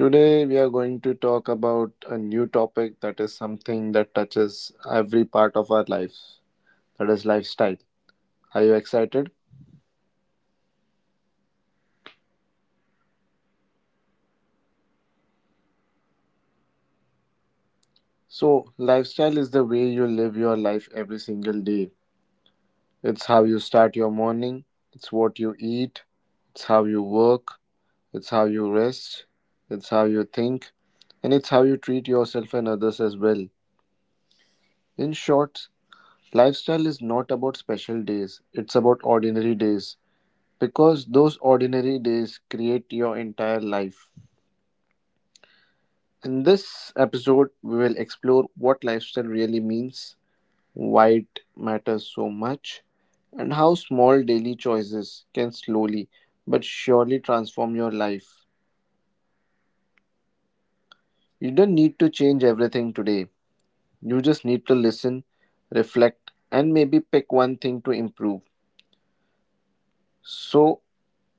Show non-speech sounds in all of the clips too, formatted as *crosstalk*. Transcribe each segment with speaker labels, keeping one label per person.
Speaker 1: Today, we are going to talk about a new topic that is something that touches every part of our life that is, lifestyle. Are you excited? So, lifestyle is the way you live your life every single day. It's how you start your morning, it's what you eat, it's how you work, it's how you rest, it's how you think, and it's how you treat yourself and others as well. In short, lifestyle is not about special days, it's about ordinary days because those ordinary days create your entire life. In this episode, we will explore what lifestyle really means, why it matters so much, and how small daily choices can slowly but surely transform your life. You don't need to change everything today, you just need to listen, reflect, and maybe pick one thing to improve. So,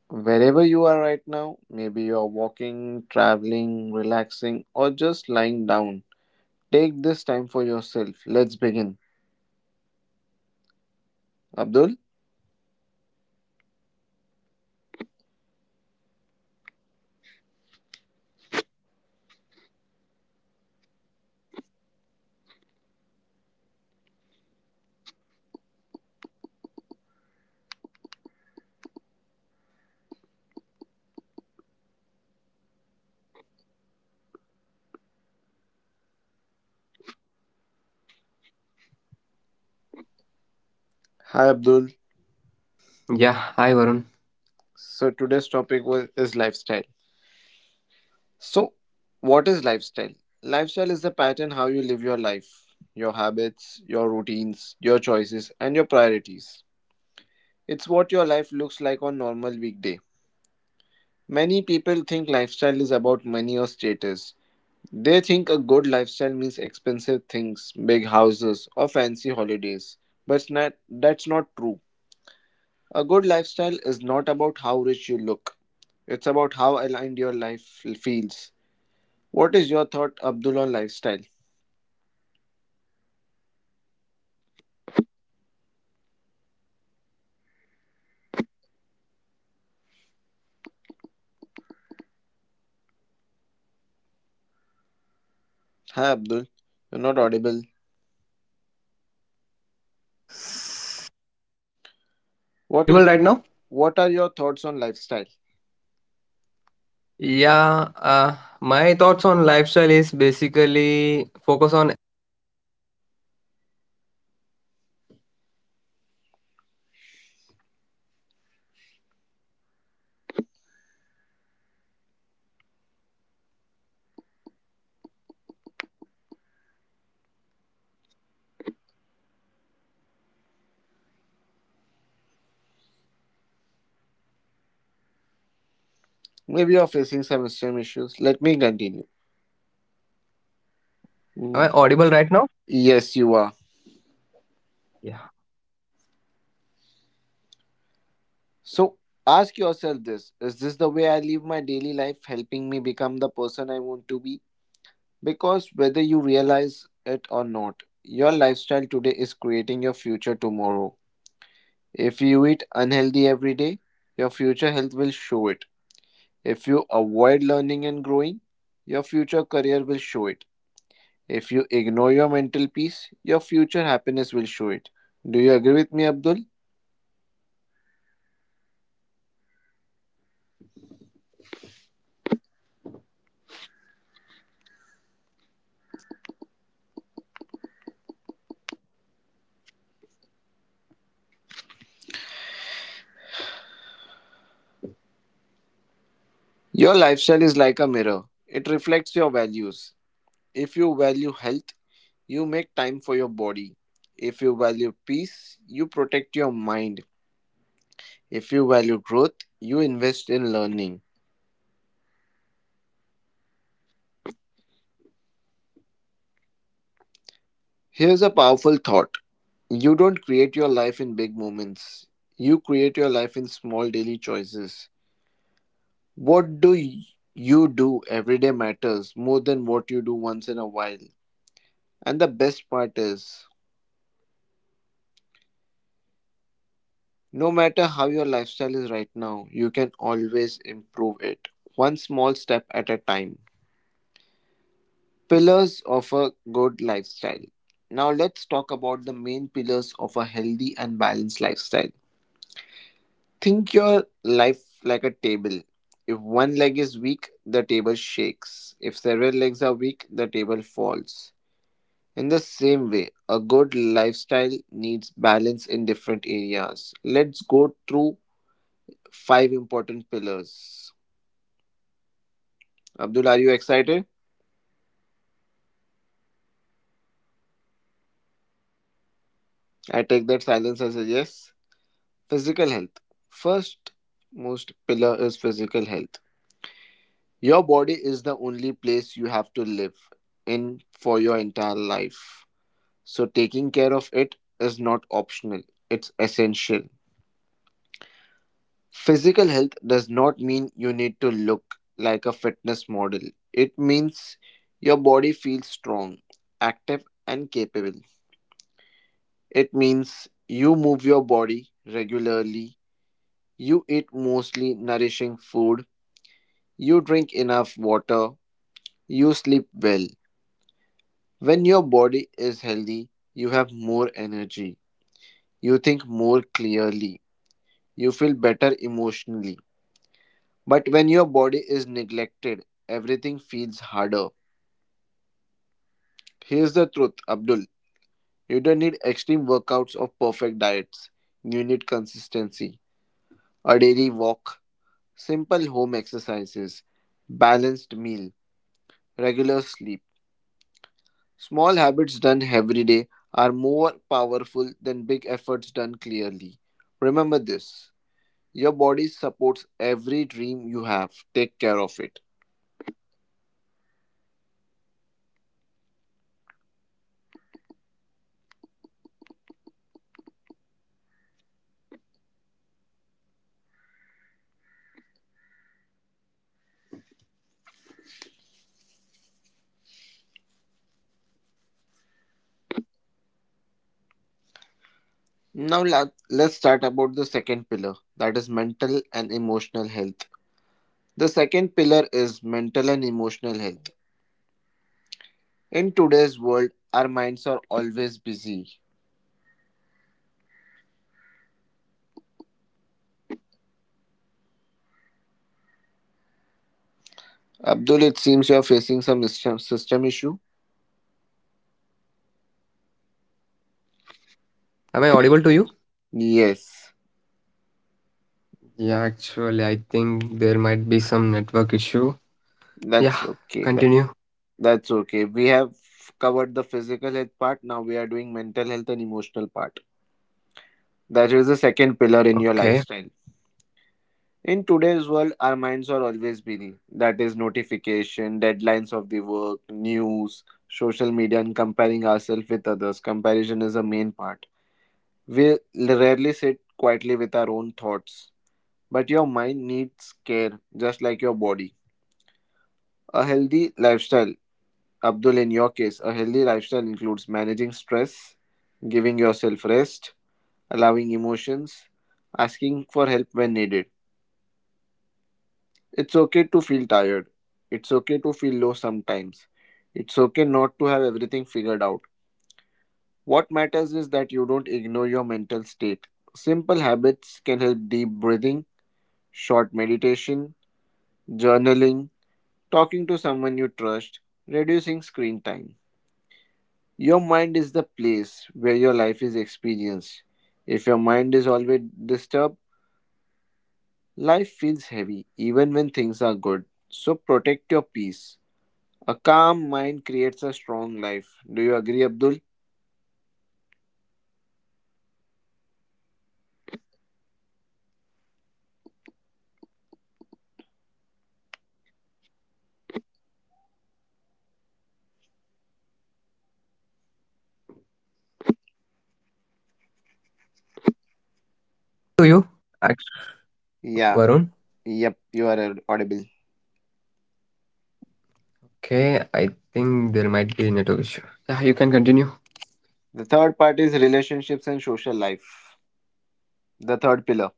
Speaker 1: Wherever you are right now, maybe you are walking, traveling, relaxing, or just lying down, take this time for yourself. Let's begin. Abdul? Hi, Abdul.
Speaker 2: Yeah, hi Varun.
Speaker 1: So, today's topic is lifestyle. So, what is lifestyle? Lifestyle is the pattern how you live your life, your habits, your routines, your choices, and your priorities. It's what your life looks like on normal weekday. Many people think lifestyle is about money or status. They think a good lifestyle means expensive things, big houses, or fancy holidays. But it's not, that's not true. A good lifestyle is not about how rich you look, it's about how aligned your life feels. What is your thought, Abdul, on lifestyle? Hi, Abdul. You're not audible.
Speaker 2: Am I
Speaker 1: What
Speaker 2: audible
Speaker 1: is
Speaker 2: right now?
Speaker 1: what are your thoughts on lifestyle?
Speaker 2: Yeah, my thoughts on lifestyle is basically focus on.
Speaker 1: Maybe you're facing some same issues. Let me continue.
Speaker 2: Am
Speaker 1: Mm,
Speaker 2: I audible right now?
Speaker 1: yes, you are.
Speaker 2: Yeah.
Speaker 1: So ask yourself this: is this the way I live my daily life helping me become the person I want to be? Because whether you realize it or not, your lifestyle today is creating your future tomorrow. If you eat unhealthy every day, your future health will show it. If you avoid learning and growing, your future career will show it. If you ignore your mental peace, your future happiness will show it. Do you agree with me, Abdul? Your lifestyle is like a mirror, it reflects your values. If you value health, you make time for your body. If you value peace, you protect your mind. If you value growth, you invest in learning. Here's a powerful thought: you don't create your life in big moments, you create your life in small daily choices. What do y- you do every day matters more than what you do once in a while. And the best part is, no matter how your lifestyle is right now, you can always improve it, one small step at a time. Pillars of a good lifestyle. Now, let's talk about the main pillars of a healthy and balanced lifestyle. Think your life like a table. If one leg is weak, the table shakes. If several legs are weak, the table falls. In the same way, a good lifestyle needs balance in different areas. Let's go through five important pillars. Abdul, are you excited? I take that silence as a yes. Physical health. First most pillar is physical health. Your body is the only place you have to live in for your entire life. So, taking care of it is not optional, it's essential. Physical health does not mean you need to look like a fitness model, it means your body feels strong, active, and capable. It means you move your body regularly, you eat mostly nourishing food, you drink enough water, you sleep well. When your body is healthy, you have more energy, you think more clearly, you feel better emotionally. But when your body is neglected, everything feels harder. Here's the truth, Abdul. You don't need extreme workouts or perfect diets. You need consistency, a daily walk, simple home exercises, balanced meal, regular sleep. Small habits done every day are more powerful than big efforts done clearly. Remember this: your body supports every dream you have. Take care of it. Now let's start about the second pillar that is mental and emotional health. The second pillar is mental and emotional health. In today's world, our minds are always busy. Abdul, it seems you are facing some system issue.
Speaker 2: Am I audible to you?
Speaker 1: Yes,
Speaker 2: Yeah, actually, I think there might be some network issue. Yeah,
Speaker 1: that's okay.
Speaker 2: continue.
Speaker 1: That's okay. We have covered the physical health part. Now we are doing mental health and emotional part. That is the second
Speaker 2: Okay.
Speaker 1: pillar in your lifestyle. In today's world, our minds are always busy. That is notification, deadlines of the work, news, social media, and comparing ourselves with others. Comparison is a main part. We rarely sit quietly with our own thoughts. But your mind needs care, just like your body. A healthy lifestyle, Abdul, in your case, a healthy lifestyle includes managing stress, giving yourself rest, allowing emotions, asking for help when needed. It's okay to feel tired. It's okay to feel low sometimes. It's okay not to have everything figured out. What matters is that you don't ignore your mental state. Simple habits can help: deep breathing, short meditation, journaling, talking to someone you trust, reducing screen time. Your mind is the place where your life is experienced. If your mind is always disturbed, life feels heavy even when things are good. So protect your peace. A calm mind creates a strong life. Do you agree, Abdul?
Speaker 2: To you, Act- Varun.
Speaker 1: Yeah, yep, you are audible.
Speaker 2: Okay, I think there might be network issue. Yeah, you can continue.
Speaker 1: The third part is relationships and social life, the third pillar.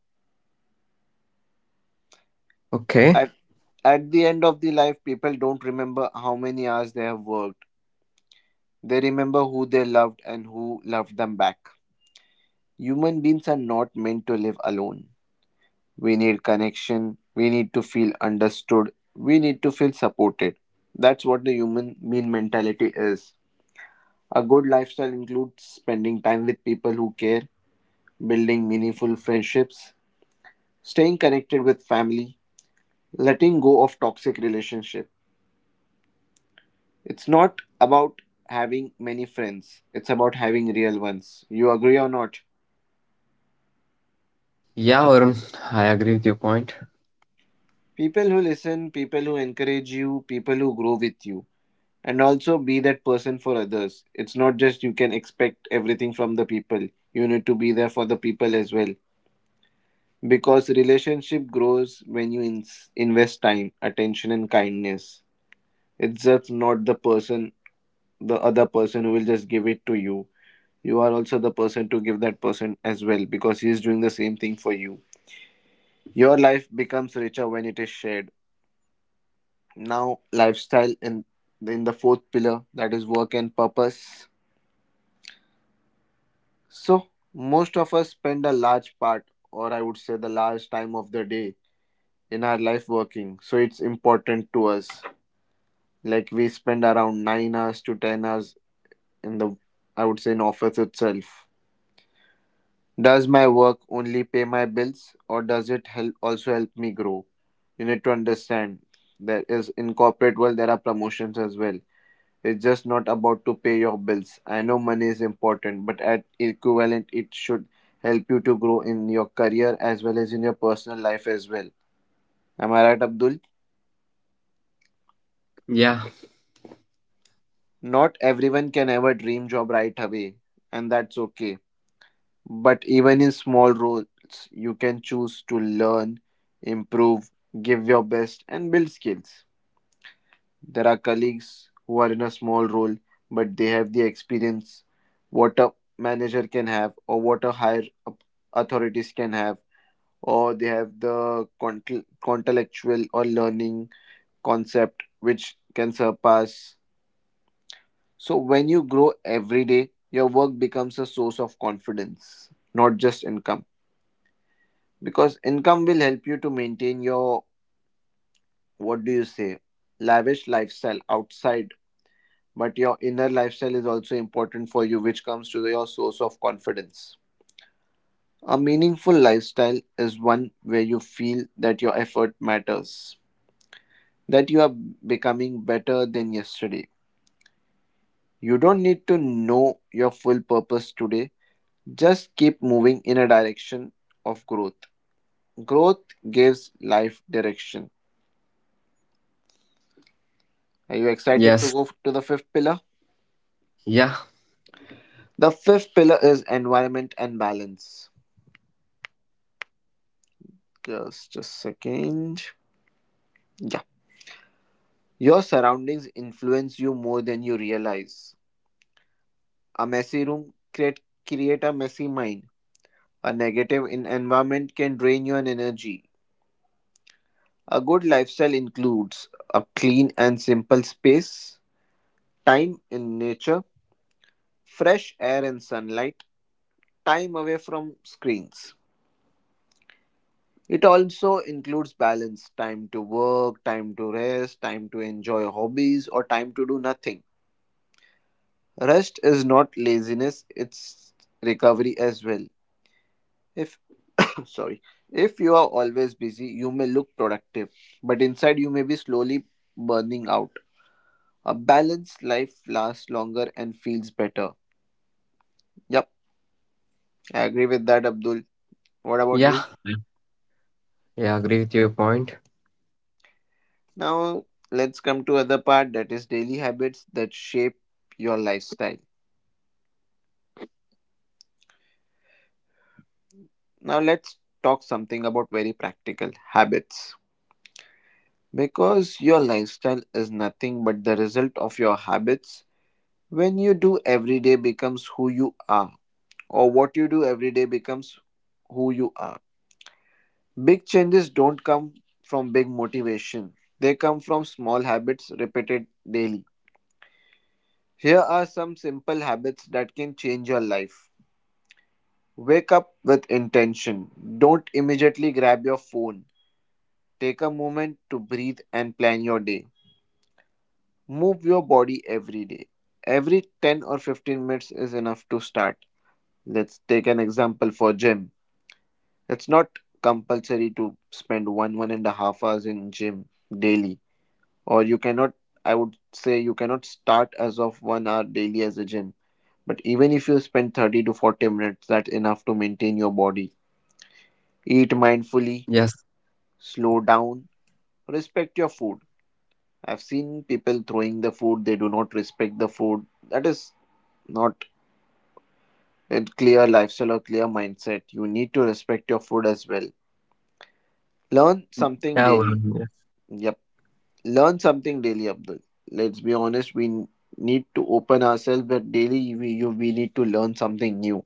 Speaker 2: Okay.
Speaker 1: At, at the end of the life, people don't remember how many hours they have worked, they remember who they loved and who loved them back. Human beings are not meant to live alone. We need connection, we need to feel understood, we need to feel supported. That's what the human being mentality is. A good lifestyle includes spending time with people who care, building meaningful friendships, staying connected with family, letting go of toxic relationship. It's not about having many friends, it's about having real ones. You agree or not?
Speaker 2: Yeah, Varun, I agree with your point.
Speaker 1: People who listen, people who encourage you, people who grow with you. And also be that person for others. It's not just you can expect everything from the people. You need to be there for the people as well. Because relationship grows when you ins invest time, attention, and kindness. It's just not the person, the other person who will just give it to you, you are also the person to give that person as well because he is doing the same thing for you. Your life becomes richer when it is shared. Now, lifestyle in the fourth pillar that is work and purpose. So, most of us spend a large part, or I would say the large time of the day, in our life working, so it's important to us. Like we spend around 9 hours to 10 hours in the, I would say, in office itself. Does my work only pay my bills or does it help, also help me grow? You need to understand there is, in corporate world there are promotions as well. It's just not about to pay your bills. I know money is important, but at equivalent it should help you to grow in your career as well as in your personal life as well. Am I right, Abdul?
Speaker 2: Yeah,
Speaker 1: Not everyone can ever dream job right away, and that's okay. But even in small roles, you can choose to learn, improve, give your best, and build skills. There are colleagues who are in a small role, but they have the experience what a manager can have, or what a authorities can have, or they have the intellectual or learning concept which can surpass. So, when you grow every day, your work becomes a source of confidence, not just income. Because income will help you to maintain your, what do you say, lavish lifestyle outside, but your inner lifestyle is also important for you which comes to your source of confidence. A meaningful lifestyle is one where you feel that your effort matters, that you are becoming better than yesterday. You don't need to know your full purpose today, just keep moving in a direction of growth. Growth gives life direction. Are you excited to
Speaker 2: yes,
Speaker 1: go to the fifth pillar?
Speaker 2: yeah,
Speaker 1: The fifth pillar is environment and balance. Just a second. Yeah. Your surroundings influence you more than you realize. A messy room create create a messy mind. A negative in environment can drain your energy. A good lifestyle includes a clean and simple space, time in nature, fresh air and sunlight, time away from screens. It also includes balance, time to work, time to rest, time to enjoy hobbies, or time to do nothing. Rest is not laziness, it's recovery as well. If *coughs* sorry, If you are always busy, you may look productive, but inside you may be slowly burning out. A balanced life lasts longer and feels better. Yep, I agree with that, Abdul. What about you?
Speaker 2: yeah, I I agree with your point.
Speaker 1: Now let's come to other part that is daily habits that shape your lifestyle. Now let's talk something about very practical habits. Because your lifestyle is nothing but the result of your habits, when you do every day becomes who you are, or what you do every day becomes who you are. Big changes don't come from big motivation, they come from small habits repeated daily. Here are some simple habits that can change your life. Wake up with intention. Don't immediately grab your phone. Take a moment to breathe and plan your day. Move your body every day. Every 10 or 15 minutes is enough to start. Let's take an example for gym. It's not compulsory to spend one and a half hours in gym daily. Or you cannot I would say you cannot start as of one hour daily as a gym. But even if you spend 30 to 40 minutes, that's enough to maintain your body. Eat
Speaker 2: Yes.
Speaker 1: mindfully, slow down, respect your food. I've seen people throwing the food, they do not respect the food. That is not a clear lifestyle or clear mindset. You need to respect your food as well. Learn
Speaker 2: Mm, yeah,
Speaker 1: something
Speaker 2: Varun.
Speaker 1: daily.
Speaker 2: Yeah.
Speaker 1: Yep. Learn something daily, Abdul. Let's be honest, we need to open ourselves that daily we need to learn something new.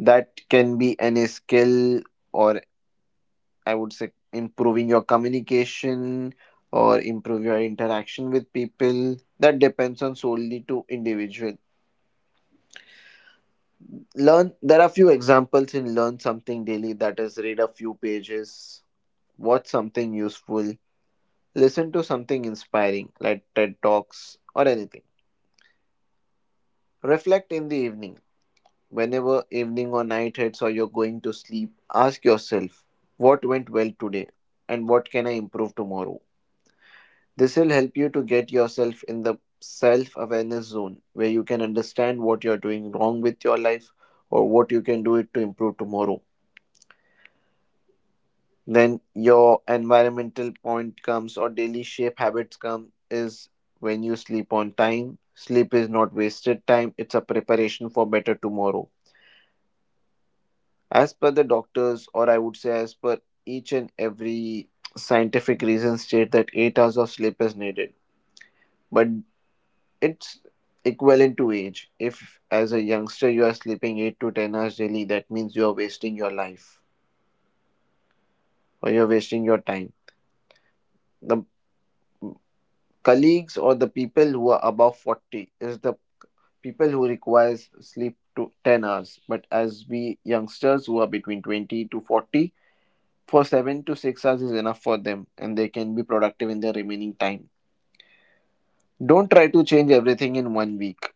Speaker 1: That can be any skill, or I would say improving your communication or improve your interaction with people. That depends on solely to individual. Learn, there are few examples in learn something daily, that is read a few pages, watch something useful, listen to something inspiring like Ted Talks or anything. Reflect in the evening. Whenever evening or night hits or you're going to sleep, ask yourself: what went well today and what can I improve tomorrow? This will help you to get yourself in the self awareness zone where you can understand what you're doing wrong with your life or what you can do it to improve tomorrow. Then your environmental point comes, or daily shape habits come, is when you sleep on time. Sleep is not wasted time, it's a preparation for better tomorrow. As per the doctors, or I would say as per each and every scientific reason, state that 8 hours of sleep is needed. But it's equivalent to age. If as a youngster you are sleeping 8 to 10 hours daily, that means you are wasting your life or you're wasting your time. The colleagues or the people who are above 40 is the people who requires sleep to 10 hours, but as we youngsters who are between 20 to 40, for 7 to 6 hours is enough for them and they can be productive in their remaining time. Don't try to change everything in one week,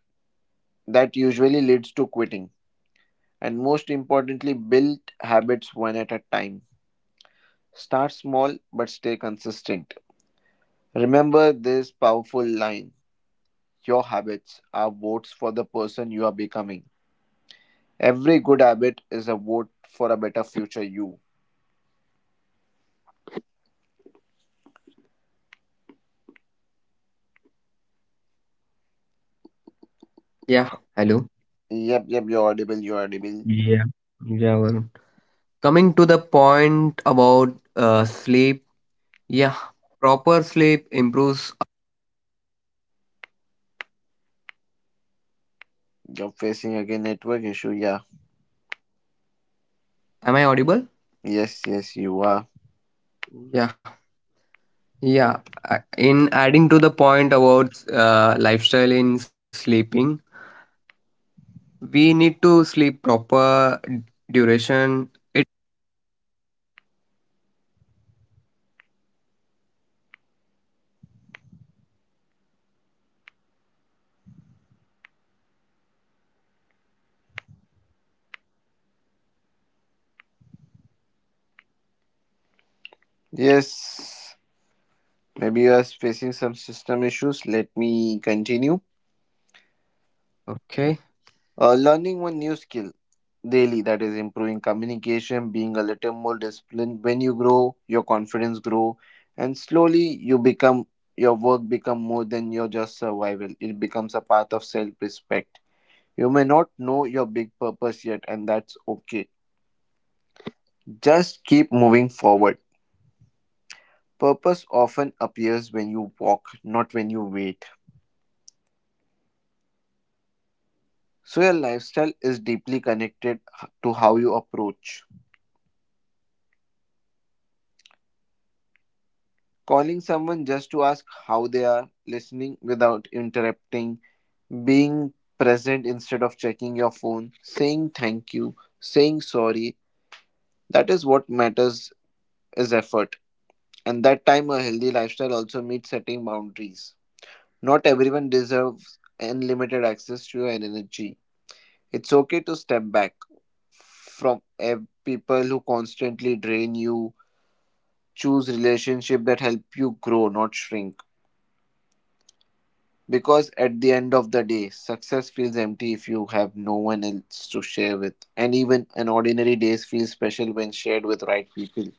Speaker 1: that usually leads to quitting. And most importantly, build habits one at a time. Start small but stay consistent. Remember this powerful line: your habits are votes for the person you are becoming. Every good habit is a vote for a better future you.
Speaker 2: Yeah, hello.
Speaker 1: Yep, yep, you're audible, you're audible.
Speaker 2: Yeah. Yeah, Varun. Coming to the point about sleep. Yeah. Proper sleep improves.
Speaker 1: You're facing again network issue, yeah.
Speaker 2: Am I audible?
Speaker 1: Yes, yes, you are.
Speaker 2: Yeah. Yeah. In adding to the point about lifestyle in sleeping, we need to sleep proper duration. It.
Speaker 1: Yes, maybe you are facing some system issues. Let me continue.
Speaker 2: Okay.
Speaker 1: Learning one new skill daily, that is improving communication, being a little more disciplined. When you grow, your confidence grow, and slowly you become your work become more than your just survival. It becomes a path of self respect. You may not know your big purpose yet, and that's okay. Just keep moving forward. Purpose often appears when you walk, not when you wait. So, your lifestyle is deeply connected to how you approach. Calling someone just to ask how they are, listening without interrupting, being present instead of checking your phone, saying thank you, saying sorry, that is what matters is effort. And that time, a healthy lifestyle also means setting boundaries. Not everyone deserves unlimited access to your energy. It's okay to step back from people who constantly drain you. Choose relationships that help you grow, not shrink. Because at the end of the day, success feels empty if you have no one else to share with. And even an ordinary day feels special when shared with right people.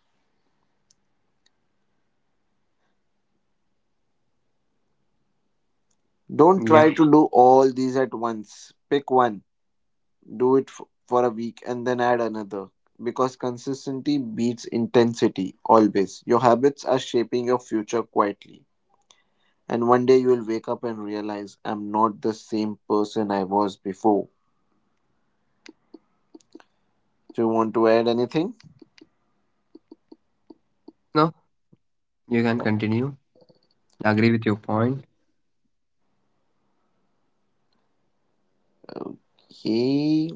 Speaker 1: Don't try
Speaker 2: Yeah.
Speaker 1: to do all these at once. Pick one, do it for a week and then add another, because consistency beats intensity always. Your habits are shaping your future quietly. And one day you will wake up and realize I'm not the same person I was before. Do you want to add anything?
Speaker 2: No, you can
Speaker 1: Yep.
Speaker 2: continue. Agree with your point.
Speaker 1: Okay.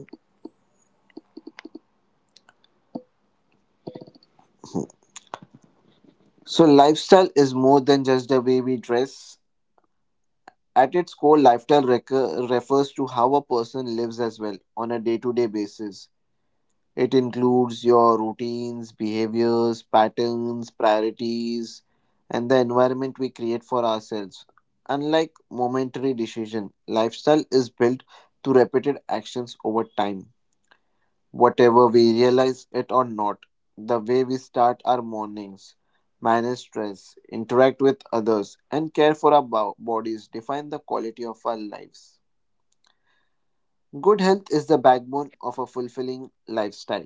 Speaker 1: So, lifestyle is more than just the way we dress. At its core, lifestyle refers to how a person lives as well on a day to day basis. It includes your routines, behaviors, patterns, priorities, and the environment we create for ourselves. Unlike momentary decision, lifestyle is built through repeated actions over time. Whatever we realize it or not, the way we start our mornings, manage stress, interact with others, and care for our bodies define the quality of our lives. Good health is the backbone of a fulfilling lifestyle.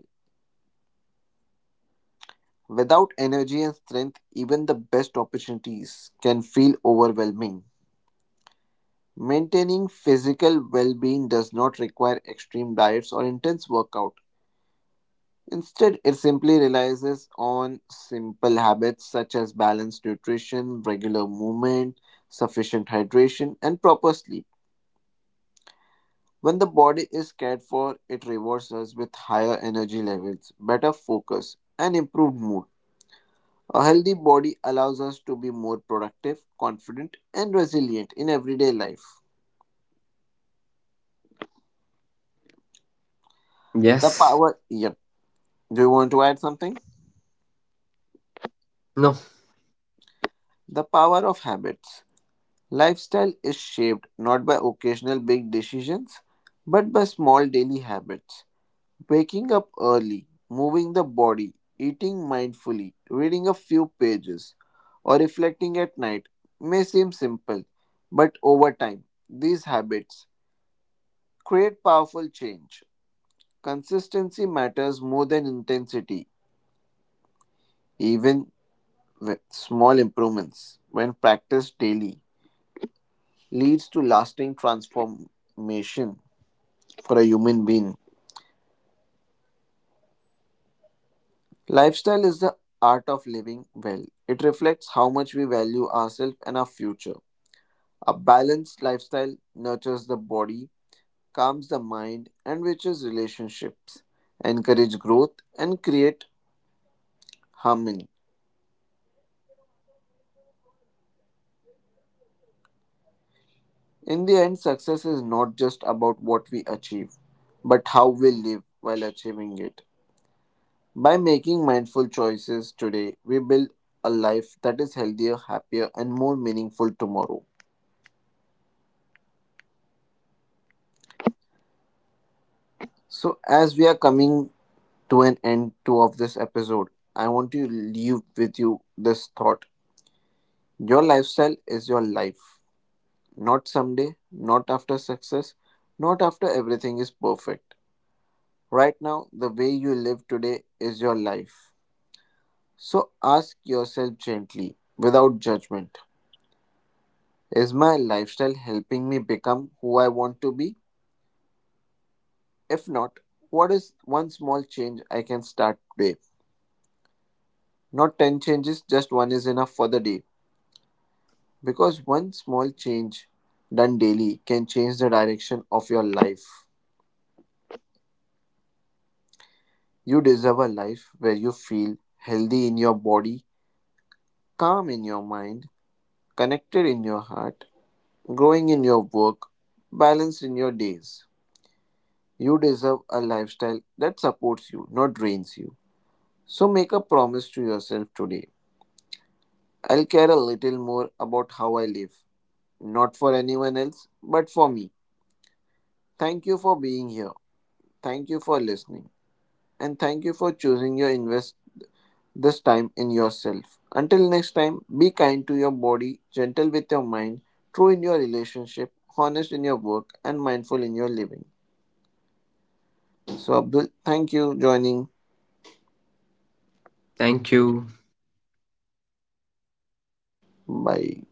Speaker 1: Without energy and strength, even the best opportunities can feel overwhelming. Maintaining physical well being does not require extreme diets or intense workout. Instead, it simply relies on simple habits such as balanced nutrition, regular movement, sufficient hydration, and proper sleep. When the body is cared for, it rewards us with higher energy levels, better focus, and improved mood. A healthy body allows us to be more productive, confident, and resilient in everyday life.
Speaker 2: Yes.
Speaker 1: The power, yep. Do you want to add something?
Speaker 2: No.
Speaker 1: The power of habits. Lifestyle is shaped not by occasional big decisions, but by small daily habits. Waking up early, moving the body, eating mindfully, reading a few pages, or reflecting at night may seem simple, but over time, these habits create powerful change. Consistency matters more than intensity, even with small improvements, when practiced daily, leads to lasting transformation for a human being. Lifestyle is the art of living well. It reflects how much we value ourselves and our future. A balanced lifestyle nurtures the body, calms the mind, enriches relationships, encourages growth, and create harmony. In the end, success is not just about what we achieve, but how we live while achieving it. By making mindful choices today, we build a life that is healthier, happier, and more meaningful tomorrow. So, as we are coming to an end to of this episode, I want to leave with you this thought: your lifestyle is your life, not someday, not after success, not after everything is perfect. Right now, the way you live today is your life. So ask yourself gently, without judgment: is my lifestyle helping me become who I want to be? If not, what is one small change I can start today? Not 10 changes, just one is enough for the day. Because one small change done daily can change the direction of your life. You deserve a life where you feel healthy in your body, calm in your mind, connected in your heart, growing in your work, balanced in your days. You deserve a lifestyle that supports you, not drains you. So make a promise to yourself today. I'll care a little more about how I live, not for anyone else, but for me. Thank you for being here. Thank you for listening. And thank you for choosing your invest this time in yourself. Until next time, be kind to your body, gentle with your mind, true in your relationship, honest in your work, and mindful in your living. So Abdul, thank you joining.
Speaker 2: Thank you.
Speaker 1: Bye.